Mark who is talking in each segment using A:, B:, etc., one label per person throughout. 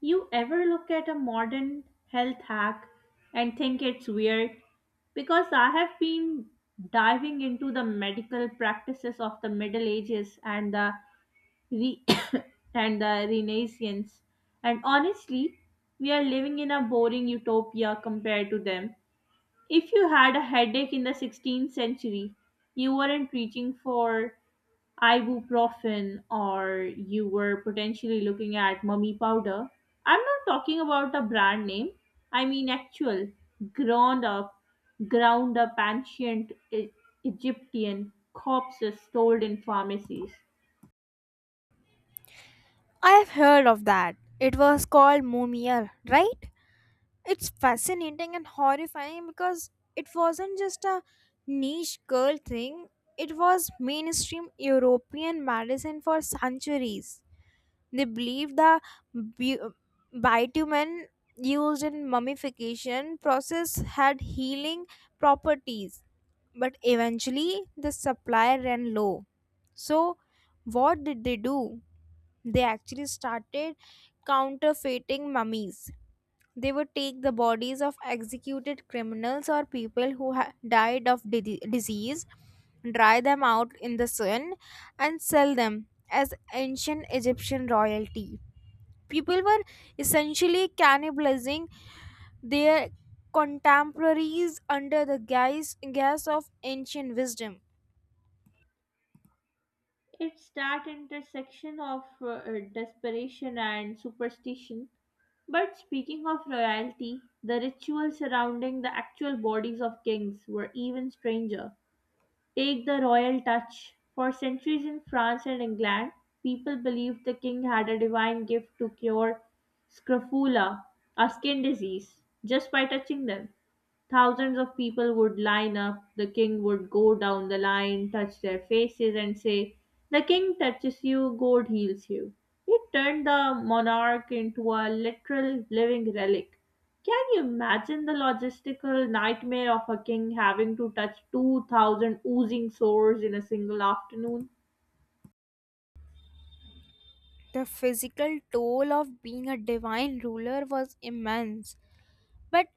A: You ever look at a modern health hack and think it's weird? Because I have been diving into the medical practices of the Middle Ages re- and the Renaissance, and honestly, we are living in a boring utopia compared to them. If you had a headache in the 16th century, you weren't reaching for ibuprofen or you were potentially looking at mummy powder. I'm not talking about a brand name. I mean actual ground up ground up ancient Egyptian corpses sold in pharmacies.
B: I've heard of that. It was called Mumia, right? It's fascinating and horrifying because it wasn't just a niche girl thing, it was mainstream European medicine for centuries. They believed the bu- bitumen used in mummification process had healing properties, but eventually the supply ran low. So, what did they do? They actually started counterfeiting mummies. They would take the bodies of executed criminals or people who died of disease, dry them out in the sun, and sell them as ancient Egyptian royalty. People were essentially cannibalizing their contemporaries under the guise of ancient wisdom.
A: It's that intersection of desperation and superstition. But speaking of royalty, the rituals surrounding the actual bodies of kings were even stranger. Take the royal touch. For centuries in France and England, people believed the king had a divine gift to cure scrofula, a skin disease, just by touching them. Thousands of people would line up, the king would go down the line, touch their faces, and say, "The king touches you, God heals you." It turned the monarch into a literal living relic. Can you imagine the logistical nightmare of a king having to touch 2,000 oozing sores in a single afternoon?
B: The physical toll of being a divine ruler was immense. But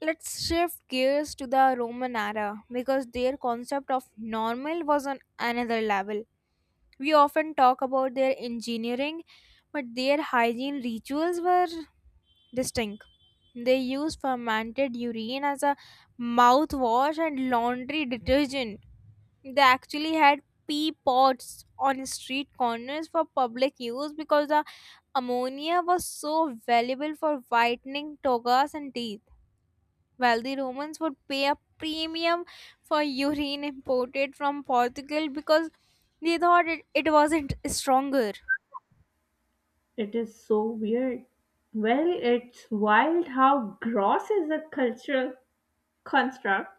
B: let's shift gears to the Roman era because their concept of normal was on another level. We often talk about their engineering, but their hygiene rituals were distinct. They used fermented urine as a mouthwash and laundry detergent. They actually had pee pots on street corners for public use because the ammonia was so valuable for whitening togas and teeth. While the Romans would pay a premium for urine imported from Portugal because they thought it wasn't stronger.
A: It is so weird. Well, it's wild how gross is a cultural construct.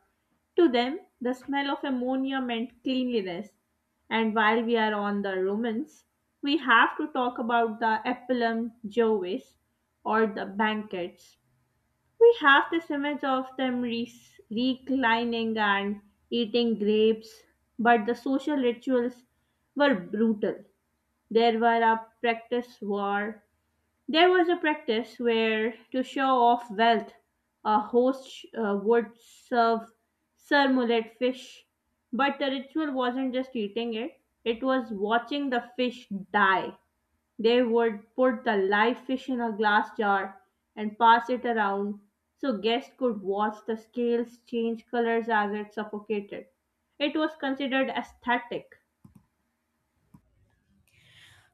A: To them, the smell of ammonia meant cleanliness. And while we are on the Romans, we have to talk about the Epilum Jovis or the banquets. We have this image of them reclining and eating grapes, but the social rituals were brutal. There were a practice war, there was a practice where, to show off wealth, a host would serve surmullet fish. But the ritual wasn't just eating it, it was watching the fish die. They would put the live fish in a glass jar and pass it around so guests could watch the scales change colors as it suffocated. It was considered aesthetic.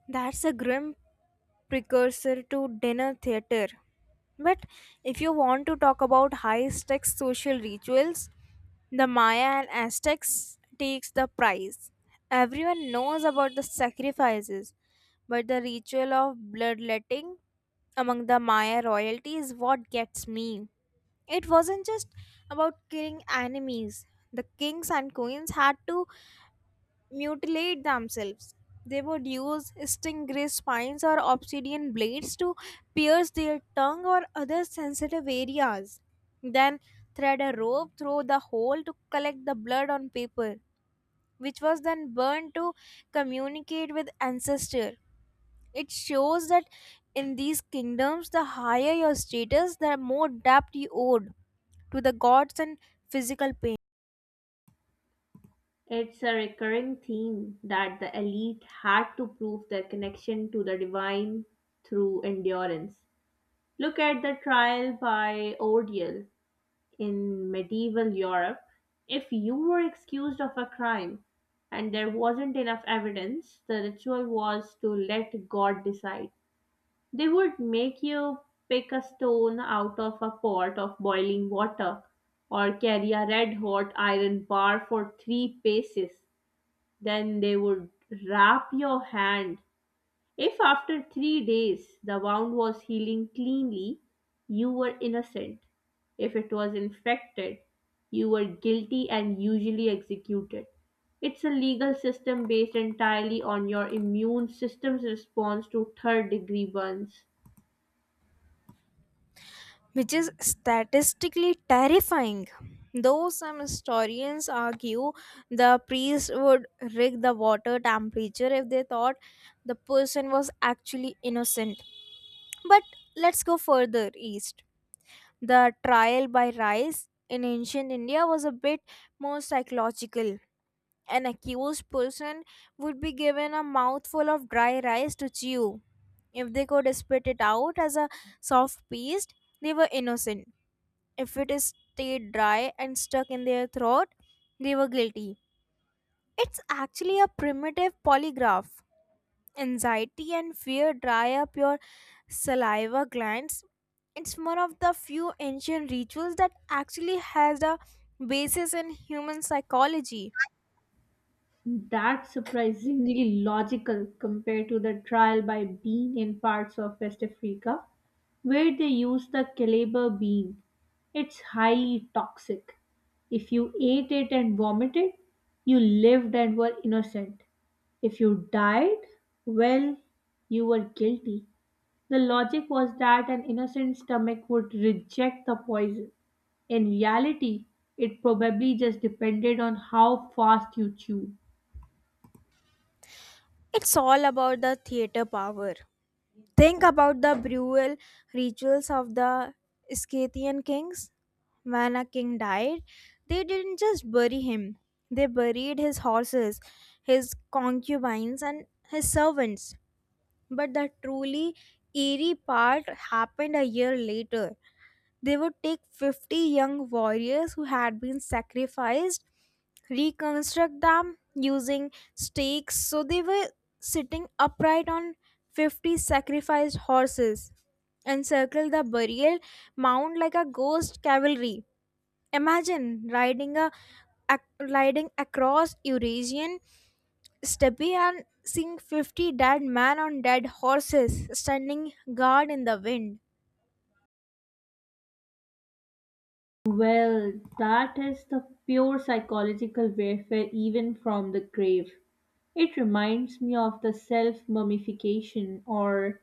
B: That's a grim precursor to dinner theater. But if you want to talk about high stakes social rituals, the Maya and Aztecs takes the prize. Everyone knows about the sacrifices, but the ritual of bloodletting among the Maya royalty is what gets me. It wasn't just about killing enemies. The kings and queens had to mutilate themselves. They would use stingray spines or obsidian blades to pierce their tongue or other sensitive areas. Then thread a rope through the hole to collect the blood on paper, which was then burned to communicate with ancestor. It shows that in these kingdoms, the higher your status, the more debt you owed to the gods and physical pain,
A: It's a recurring theme that the elite had to prove their connection to the divine through endurance. Look at the trial by ordeal in medieval Europe. If you were accused of a crime and there wasn't enough evidence, the ritual was to let God decide. They would make you pick a stone out of a pot of boiling water or carry a red hot iron bar for three paces. Then they would wrap your hand. If after 3 days the wound was healing cleanly, you were innocent. If it was infected, you were guilty and usually executed. It's a legal system based entirely on your immune system's response to third degree burns.
B: which is statistically terrifying. Though some historians argue the priest would rig the water temperature if they thought the person was actually innocent. But let's go further east. The trial by rice in ancient India was a bit more psychological. An accused person would be given a mouthful of dry rice to chew. If they could spit it out as a soft paste, they were innocent. If it is stayed dry and stuck in their throat, they were guilty. It's actually a primitive polygraph. Anxiety and fear dry up your saliva glands. It's one of the few ancient rituals that actually has a basis in human psychology.
A: That's surprisingly logical compared to the trial by Bean in parts of West Africa, where they use the caliber bean. It's highly toxic. If you ate it and vomited, you lived and were innocent. If you died, well, you were guilty. The logic was that an innocent stomach would reject the poison. In reality, it probably just depended on how fast you chewed.
B: It's all about the theater power. Think about the burial rituals of the Scythian kings. When a king died, they didn't just bury him, they buried his horses, his concubines, and his servants. But the truly eerie part happened a year later. They would take 50 young warriors who had been sacrificed, reconstruct them using stakes. So they were sitting upright on 50 sacrificed horses, encircle the burial mound like a ghost cavalry. Imagine riding a riding across Eurasian Steppy and seeing 50 dead man on dead horses standing guard in the wind.
A: Well, that is the pure psychological warfare, even from the grave. It reminds me of the self mummification or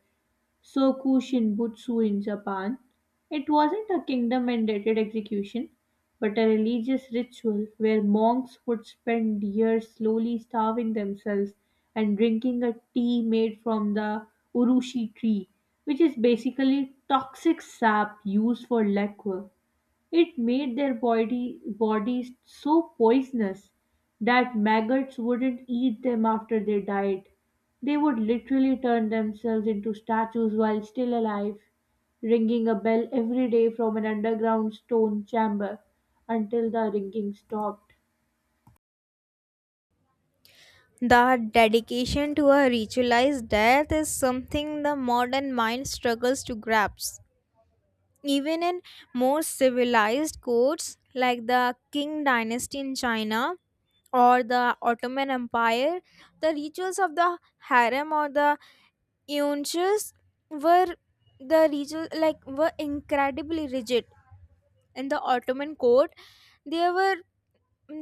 A: soku shinbutsu in Japan. It wasn't a kingdom mandated execution, but a religious ritual where monks would spend years slowly starving themselves and drinking a tea made from the urushi tree, which is basically toxic sap used for lacquer. It made their bodies so poisonous that maggots wouldn't eat them after they died. They would literally turn themselves into statues while still alive, ringing a bell every day from an underground stone chamber until the ringing stopped.
B: The dedication to a ritualized death is something the modern mind struggles to grasp. Even in more civilized courts like the Qing dynasty in China or the Ottoman Empire, the rituals of the harem or the eunuchs were the ritual like were incredibly rigid in the Ottoman court, there were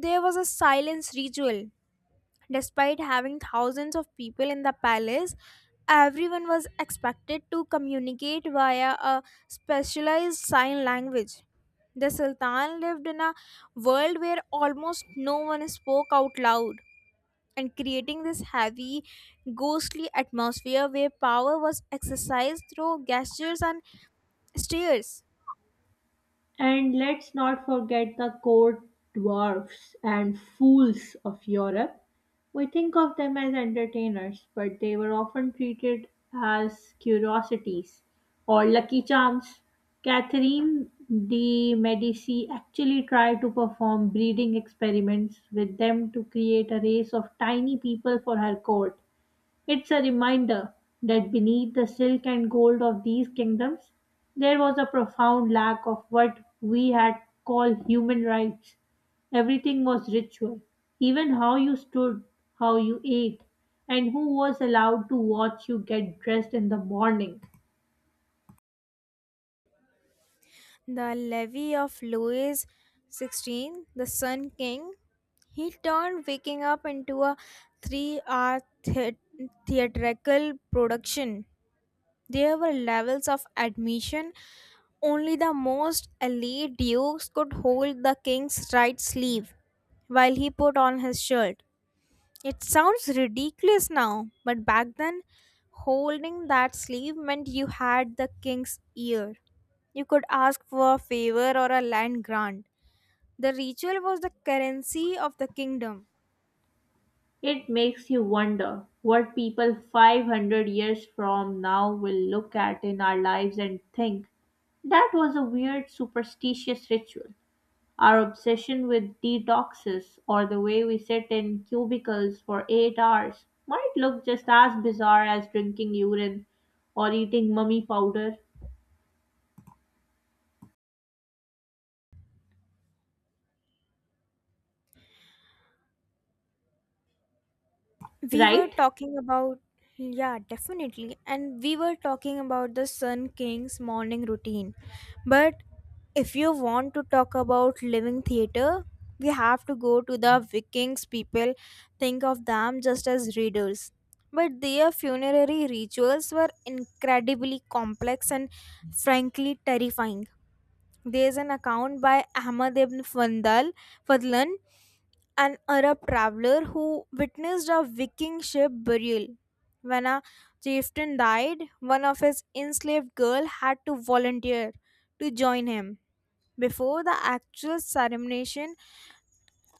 B: there was a silence ritual. Despite having thousands of people in the palace, everyone was expected to communicate via a specialized sign language. The Sultan lived in a world where almost no one spoke out loud, and creating this heavy, ghostly atmosphere where power was exercised through gestures and stares.
A: And let's not forget the court dwarfs and fools of Europe. We think of them as entertainers, but they were often treated as curiosities or lucky charms. Catherine de Medici actually tried to perform breeding experiments with them to create a race of tiny people for her court. It's a reminder that beneath the silk and gold of these kingdoms, there was a profound lack of what we had called human rights. Everything was ritual, even how you stood, how you ate, and who was allowed to watch you get dressed in the morning.
B: The levy of Louis XVI, the Sun King, he turned Waking Up into a 3 hour theatrical production. There were levels of admission. Only the most elite dukes could hold the king's right sleeve while he put on his shirt. It sounds ridiculous now, but back then, holding that sleeve meant you had the king's ear. You could ask for a favor or a land grant. The ritual was the currency of the kingdom.
A: It makes you wonder what people 500 years from now will look at in our lives and think that was a weird superstitious ritual. Our obsession with detoxes or the way we sit in cubicles for 8 hours might look just as bizarre as drinking urine or eating mummy powder,
B: We were
A: right?
B: talking about, yeah, definitely, and we were talking about the Sun King's morning routine. But if you want to talk about living theater, we have to go to the Vikings. People think of them just as readers, but their funerary rituals were incredibly complex and frankly terrifying. There's an account by Ahmad ibn Fadlan, an Arab traveler who witnessed a Viking ship burial. When a chieftain died, one of his enslaved girls had to volunteer to join him. Before the actual ceremony,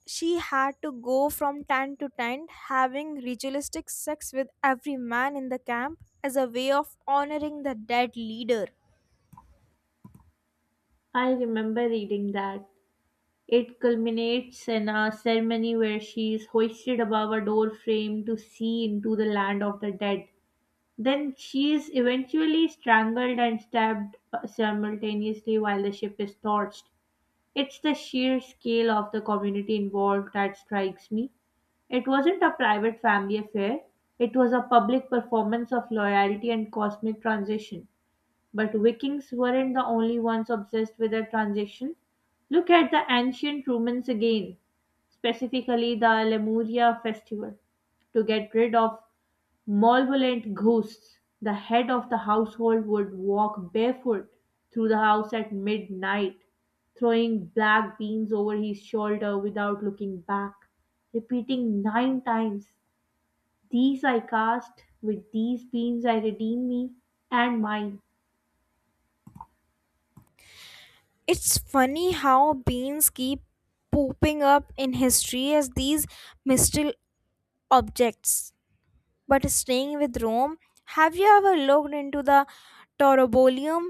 B: she had to go from tent to tent, having ritualistic sex with every man in the camp as a way of honoring the dead leader.
A: I remember reading that. It culminates in a ceremony where she is hoisted above a door frame to see into the land of the dead. Then she is eventually strangled and stabbed simultaneously while the ship is torched. It's the sheer scale of the community involved that strikes me. It wasn't a private family affair, it was a public performance of loyalty and cosmic transition. But Vikings weren't the only ones obsessed with their transition. Look at the ancient Romans again, specifically the Lemuria festival. To get rid of malevolent ghosts, the head of the household would walk barefoot through the house at midnight, throwing black beans over his shoulder without looking back, repeating nine times, "These I cast, with these beans I redeem me and mine."
B: It's funny how beans keep popping up in history as these mystical objects. But staying with Rome, have you ever looked into the Torobolium?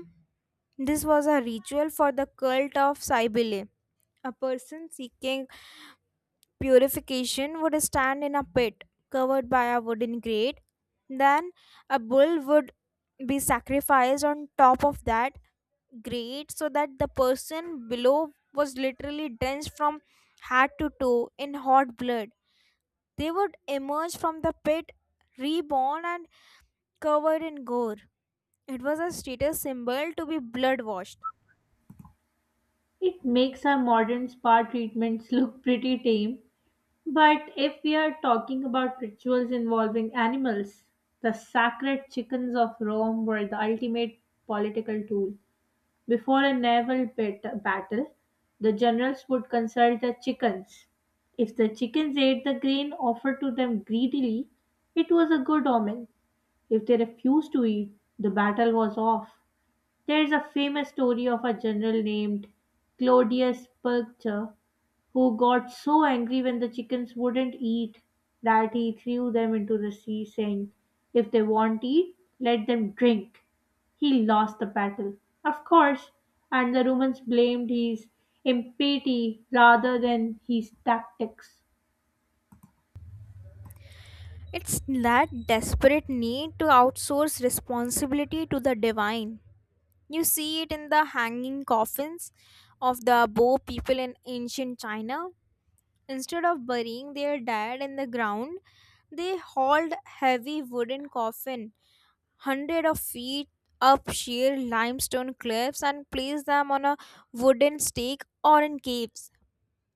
B: This was a ritual for the cult of Cybele. A person seeking purification would stand in a pit covered by a wooden grate. Then a bull would be sacrificed on top of that grate so that the person below was literally drenched from head to toe in hot blood. They would emerge from the pit reborn and covered in gore. It was a status symbol to be blood washed.
A: It makes our modern spa treatments look pretty tame. But if we are talking about rituals involving animals, the sacred chickens of Rome were the ultimate political tool. Before a naval battle, the generals would consult the chickens. If the chickens ate the grain offered to them greedily, it was a good omen. If they refused to eat, the battle was off. There is a famous story of a general named Claudius Pulcher who got so angry when the chickens wouldn't eat that he threw them into the sea, saying, "If they won't eat, let them drink." He lost the battle, of course, and the Romans blamed his impiety rather than his tactics.
B: It's that desperate need to outsource responsibility to the divine. You see it in the hanging coffins of the Bo people in ancient China. Instead of burying their dead in the ground, they hauled heavy wooden coffin hundred of feet up sheer limestone cliffs and placed them on a wooden stake or in caves.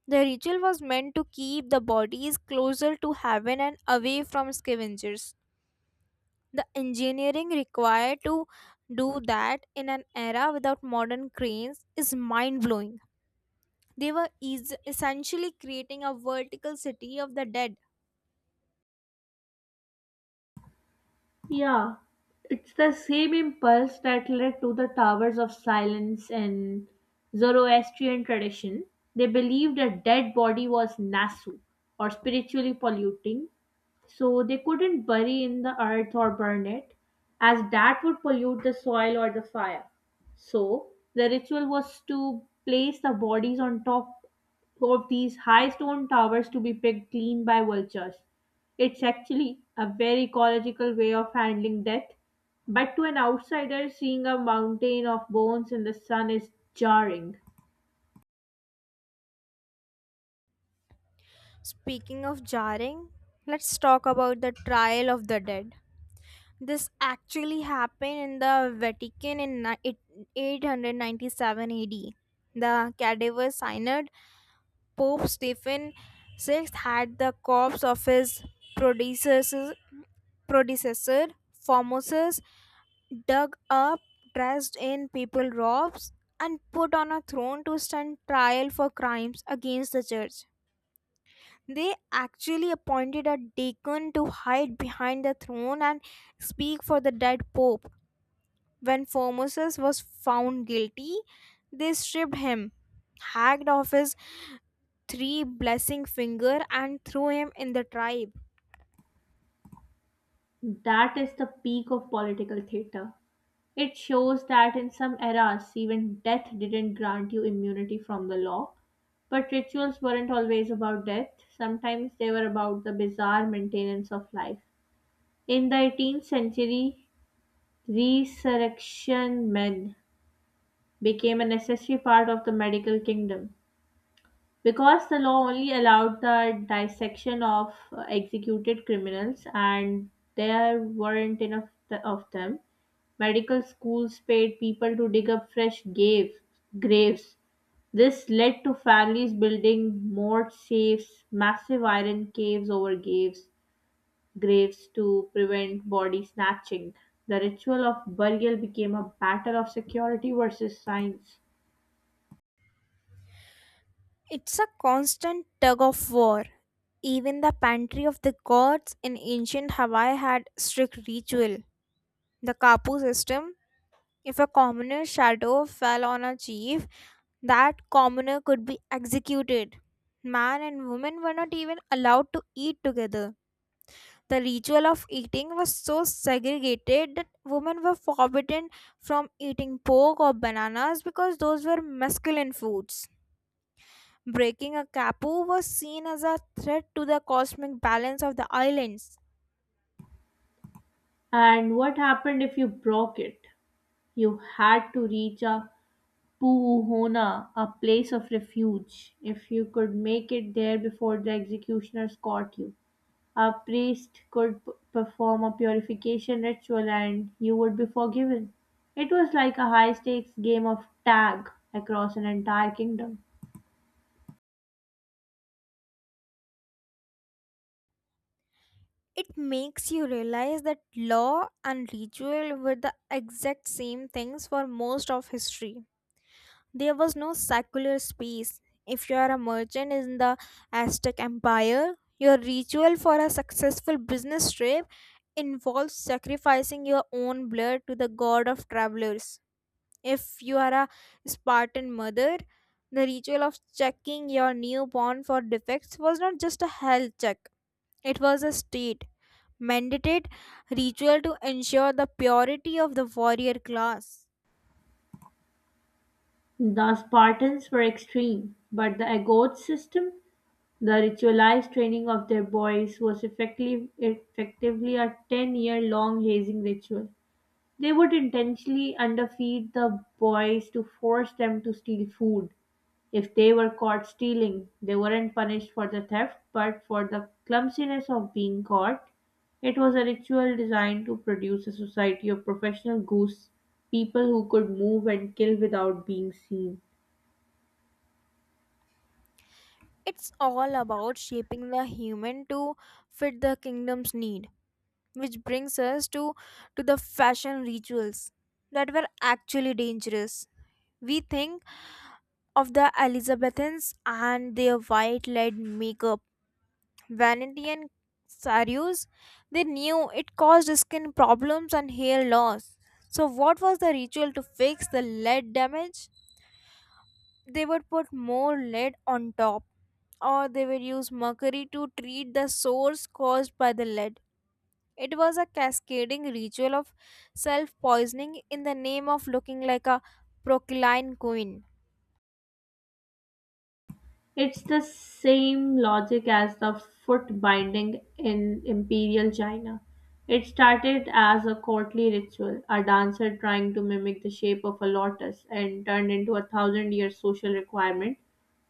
B: The ritual was meant to keep the bodies closer to heaven and away from scavengers. The engineering required to do that in an era without modern cranes is mind blowing. They were essentially creating a vertical city of the dead.
A: Yeah, it's the same impulse that led to the Towers of Silence in Zoroastrian tradition. They believed a dead body was nasu or spiritually polluting, so they couldn't bury in the earth or burn it, as that would pollute the soil or the fire. So the ritual was to place the bodies on top of these high stone towers to be picked clean by vultures. It's actually a very ecological way of handling death, but to an outsider, seeing a mountain of bones in the sun is jarring.
B: Speaking of jarring, let's talk about the trial of the dead. This actually happened in the Vatican in 897 AD. The cadaver synod Pope Stephen VI had the corpse of his predecessor, predecessor Formosus dug up, dressed in papal robes, and put on a throne to stand trial for crimes against the church. They actually appointed a deacon to hide behind the throne and speak for the dead pope. When Formosus was found guilty, they stripped him, hacked off his three blessing finger and threw him in the tribe.
A: That is the peak of political theater. It shows that in some eras, even death didn't grant you immunity from the law. But rituals weren't always about death, sometimes they were about the bizarre maintenance of life. In the 18th century, resurrection men became a necessary part of the medical kingdom, because the law only allowed the dissection of executed criminals and there weren't enough of them. Medical schools paid people to dig up graves. This led to families building more safes, massive iron caves over graves to prevent body snatching. The ritual of burial became a battle of security versus science.
B: It's a constant tug of war. Even the pantry of the gods in ancient Hawaii had strict ritual. The kapu system, if a commoner's shadow fell on a chief, that commoner could be executed. Man and woman were not even allowed to eat together. The ritual of eating was so segregated that women were forbidden from eating pork or bananas because those were masculine foods. Breaking a kapu was seen as a threat to the cosmic balance of the islands.
A: And what happened if you broke it? You had to reach a puhuna, a place of refuge. If you could make it there before the executioners caught you, a priest could perform a purification ritual and you would be forgiven. It was like a high stakes game of tag across an entire kingdom.
B: It makes you realize that law and ritual were the exact same things for most of history. There was no secular space. If you are a merchant in the Aztec Empire, your ritual for a successful business trip involves sacrificing your own blood to the god of travelers. If you are a Spartan mother, the ritual of checking your newborn for defects was not just a health check, it was a state mandated ritual to ensure the purity of the warrior class.
A: The Spartans were extreme, but the Agoge system, the ritualized training of their boys was effectively a 10-year long hazing ritual. They would intentionally underfeed the boys to force them to steal food. If they were caught stealing, they weren't punished for the theft, but for the clumsiness of being caught. It was a ritual designed to produce a society of professional goose, people who could move and kill without being seen.
B: It's all about shaping the human to fit the kingdom's need, which brings us to the fashion rituals that were actually dangerous. We think of the Elizabethans and their white lead makeup, vanity and saris. They knew it caused skin problems and hair loss. So, what was the ritual to fix the lead damage? They would put more lead on top or they would use mercury to treat the sores caused by the lead. It was a cascading ritual of self poisoning in the name of looking like a procline queen.
A: It's the same logic as the foot binding in imperial China. It started as a courtly ritual, a dancer trying to mimic the shape of a lotus, and turned into a thousand year social requirement.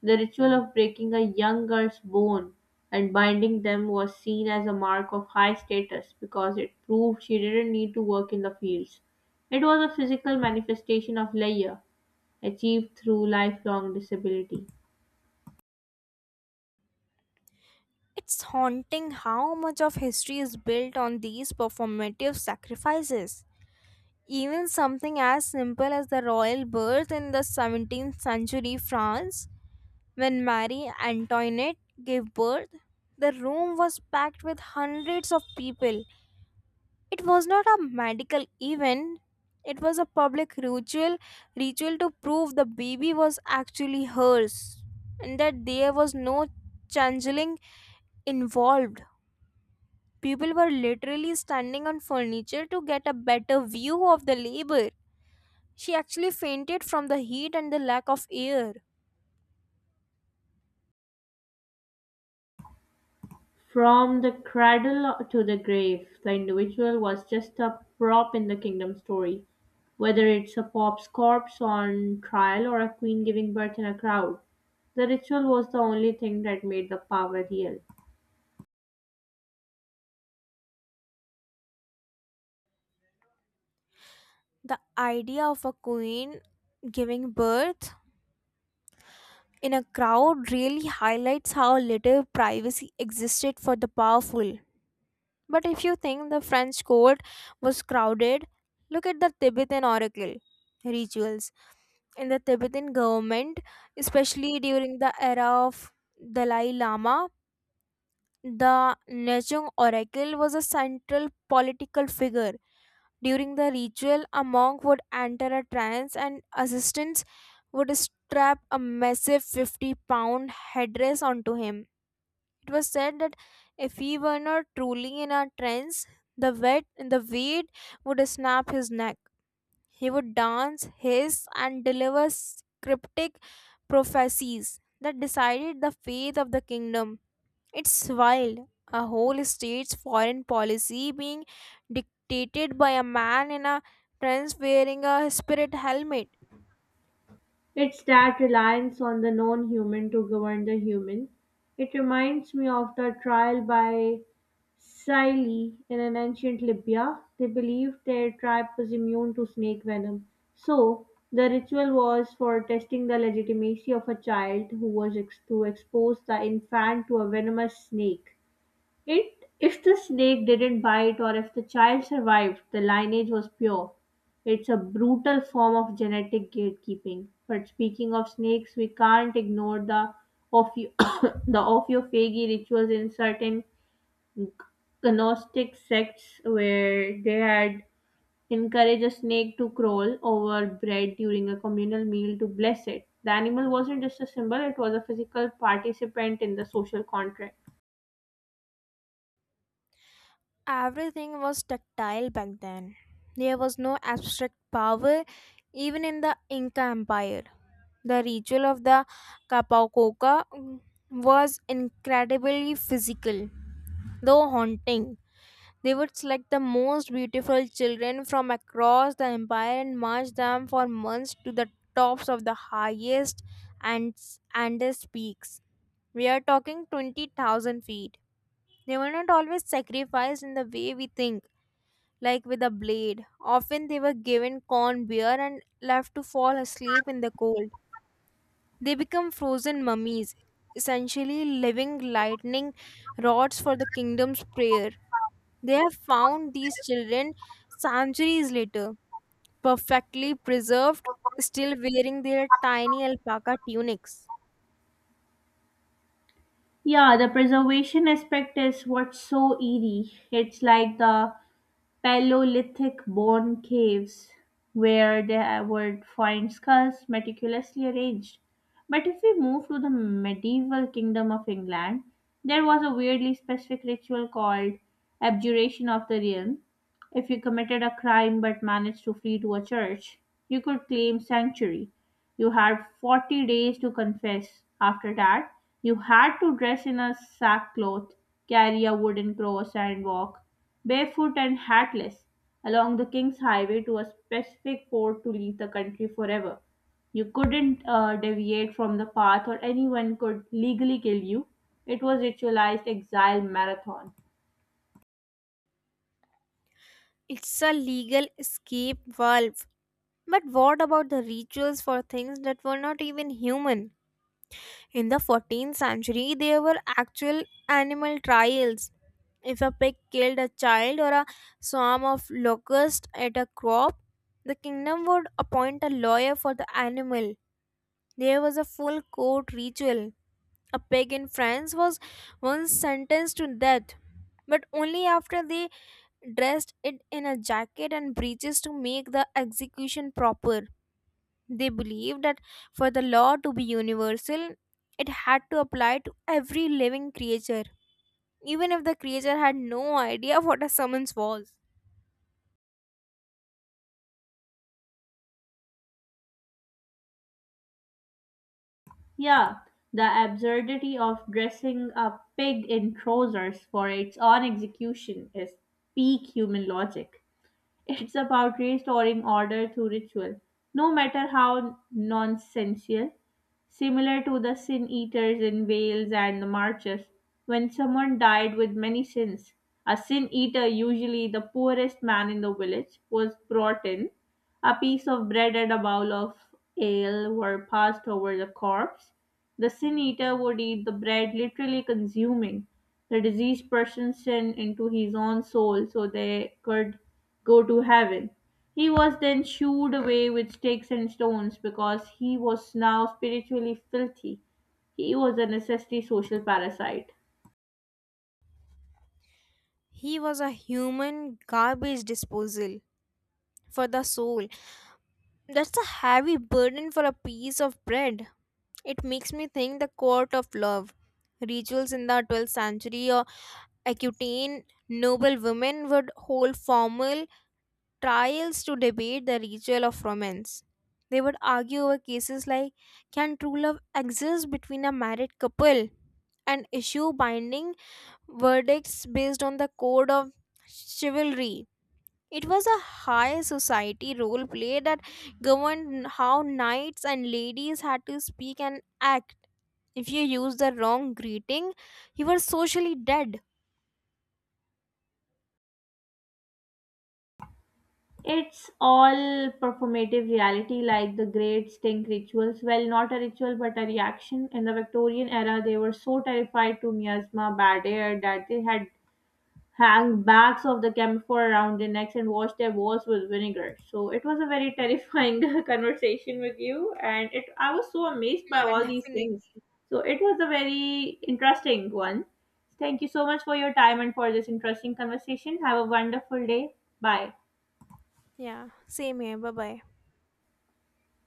A: The ritual of breaking a young girl's bone and binding them was seen as a mark of high status because it proved she didn't need to work in the fields. It was a physical manifestation of leisure achieved through lifelong disability.
B: It's haunting how much of history is built on these performative sacrifices. Even something as simple as the royal birth in the 17th century France. When Marie Antoinette gave birth, the room was packed with hundreds of people. It was not a medical event, it was a public ritual to prove the baby was actually hers and that there was no changeling involved. People were literally standing on furniture to get a better view of the labor. She actually fainted from the heat and the lack of air.
A: From the cradle to the grave, the individual was just a prop in the kingdom story, whether it's a pop's corpse on trial or a queen giving birth in a crowd. The ritual was the only thing that made the power real.
B: The idea of a queen giving birth in a crowd really highlights how little privacy existed for the powerful. But if you think the French court was crowded, look at the Tibetan oracle rituals. In the Tibetan government, especially during the era of Dalai Lama, the Nejong oracle was a central political figure. During the ritual, a monk would enter a trance and assistants would strap a massive 50 pound headdress onto him. It was said that if he were not truly in a trance, the weed would snap his neck. He would dance, hiss, and deliver cryptic prophecies that decided the fate of the kingdom. It's wild. A whole state's foreign policy being dictated by a man in a trance wearing a spirit helmet.
A: It's that reliance on the non human to govern the human. It reminds me of the trial by Siley in an ancient Libya. They believed their tribe was immune to snake venom. So, the ritual was for testing the legitimacy of a child who was to expose the infant to a venomous snake. It, if the snake didn't bite or if the child survived, the lineage was pure. It's a brutal form of genetic gatekeeping. But speaking of snakes, we can't ignore the ophio- the ophiophagy rituals in certain Gnostic sects where they had encouraged a snake to crawl over bread during a communal meal to bless it. The animal wasn't just a symbol, it was a physical participant in the social contract.
B: Everything was tactile back then. There was no abstract power even in the Inca Empire. The ritual of the Capacoca was incredibly physical, though haunting. They would select the most beautiful children from across the empire and march them for months to the tops of the highest and Andes peaks. We are talking 20,000 feet. They were not always sacrificed in the way we think, like with a blade. Often they were given corn beer and left to fall asleep in the cold. They become frozen mummies, essentially living lightning rods for the kingdom's prayer. They have found these children centuries later, perfectly preserved, still wearing their tiny alpaca tunics.
A: Yeah, the preservation aspect is what's so eerie. It's like the Paleolithic bone caves where they would find skulls meticulously arranged. But if we move to the medieval kingdom of England, there was a weirdly specific ritual called abjuration of the realm. If you committed a crime but managed to flee to a church, you could claim sanctuary. You had 40 days to confess. After that, you had to dress in a sackcloth, carry a wooden cross, and walk, barefoot and hatless, along the king's highway to a specific port to leave the country forever. You couldn't deviate from the path, or anyone could legally kill you. It was ritualized exile marathon.
B: It's a legal escape valve. But what about the rituals for things that were not even human? In the 14th century, there were actual animal trials. If a pig killed a child or a swarm of locusts at a crop, the kingdom would appoint a lawyer for the animal. There was a full court ritual. A pig in France was once sentenced to death, but only after they dressed it in a jacket and breeches to make the execution proper. They believed that for the law to be universal, it had to apply to every living creature, even if the creature had no idea what a summons was.
A: Yeah, the absurdity of dressing a pig in trousers for its own execution is peak human logic. It's about restoring order to ritual, no matter how nonsensical. Similar to the sin eaters in Wales and the marches, when someone died with many sins, a sin eater, usually the poorest man in the village, was brought in. A piece of bread and a bowl of ale were passed over the corpse. The sin eater would eat the bread, literally consuming the diseased person's sin into his own soul so they could go to heaven. He was then shooed away with sticks and stones because he was now spiritually filthy. He was a necessary social parasite.
B: He was a human garbage disposal for the soul. That's a heavy burden for a piece of bread. It makes me think the court of love. Rituals in the 12th century or Aquitaine noble women would hold formal trials to debate the ritual of romance. They would argue over cases like can true love exist between a married couple and issue binding verdicts based on the code of chivalry. It was a high society role play that governed how knights and ladies had to speak and act. If you used the wrong greeting, you were socially dead.
A: It's all performative reality like the great stink rituals. Well, not a ritual but a reaction. In the Victorian era, they were so terrified to miasma, bad air, that they had hang bags of the camphor around their necks and wash their walls with vinegar. So it was a very terrifying conversation with you, and it I was so amazed by
B: Yeah,
A: all these
B: definitely.
A: things. So it was a very interesting one. Thank you so much for your time and for this interesting conversation. Have a wonderful day. Bye.
B: Yeah, same here. Bye bye.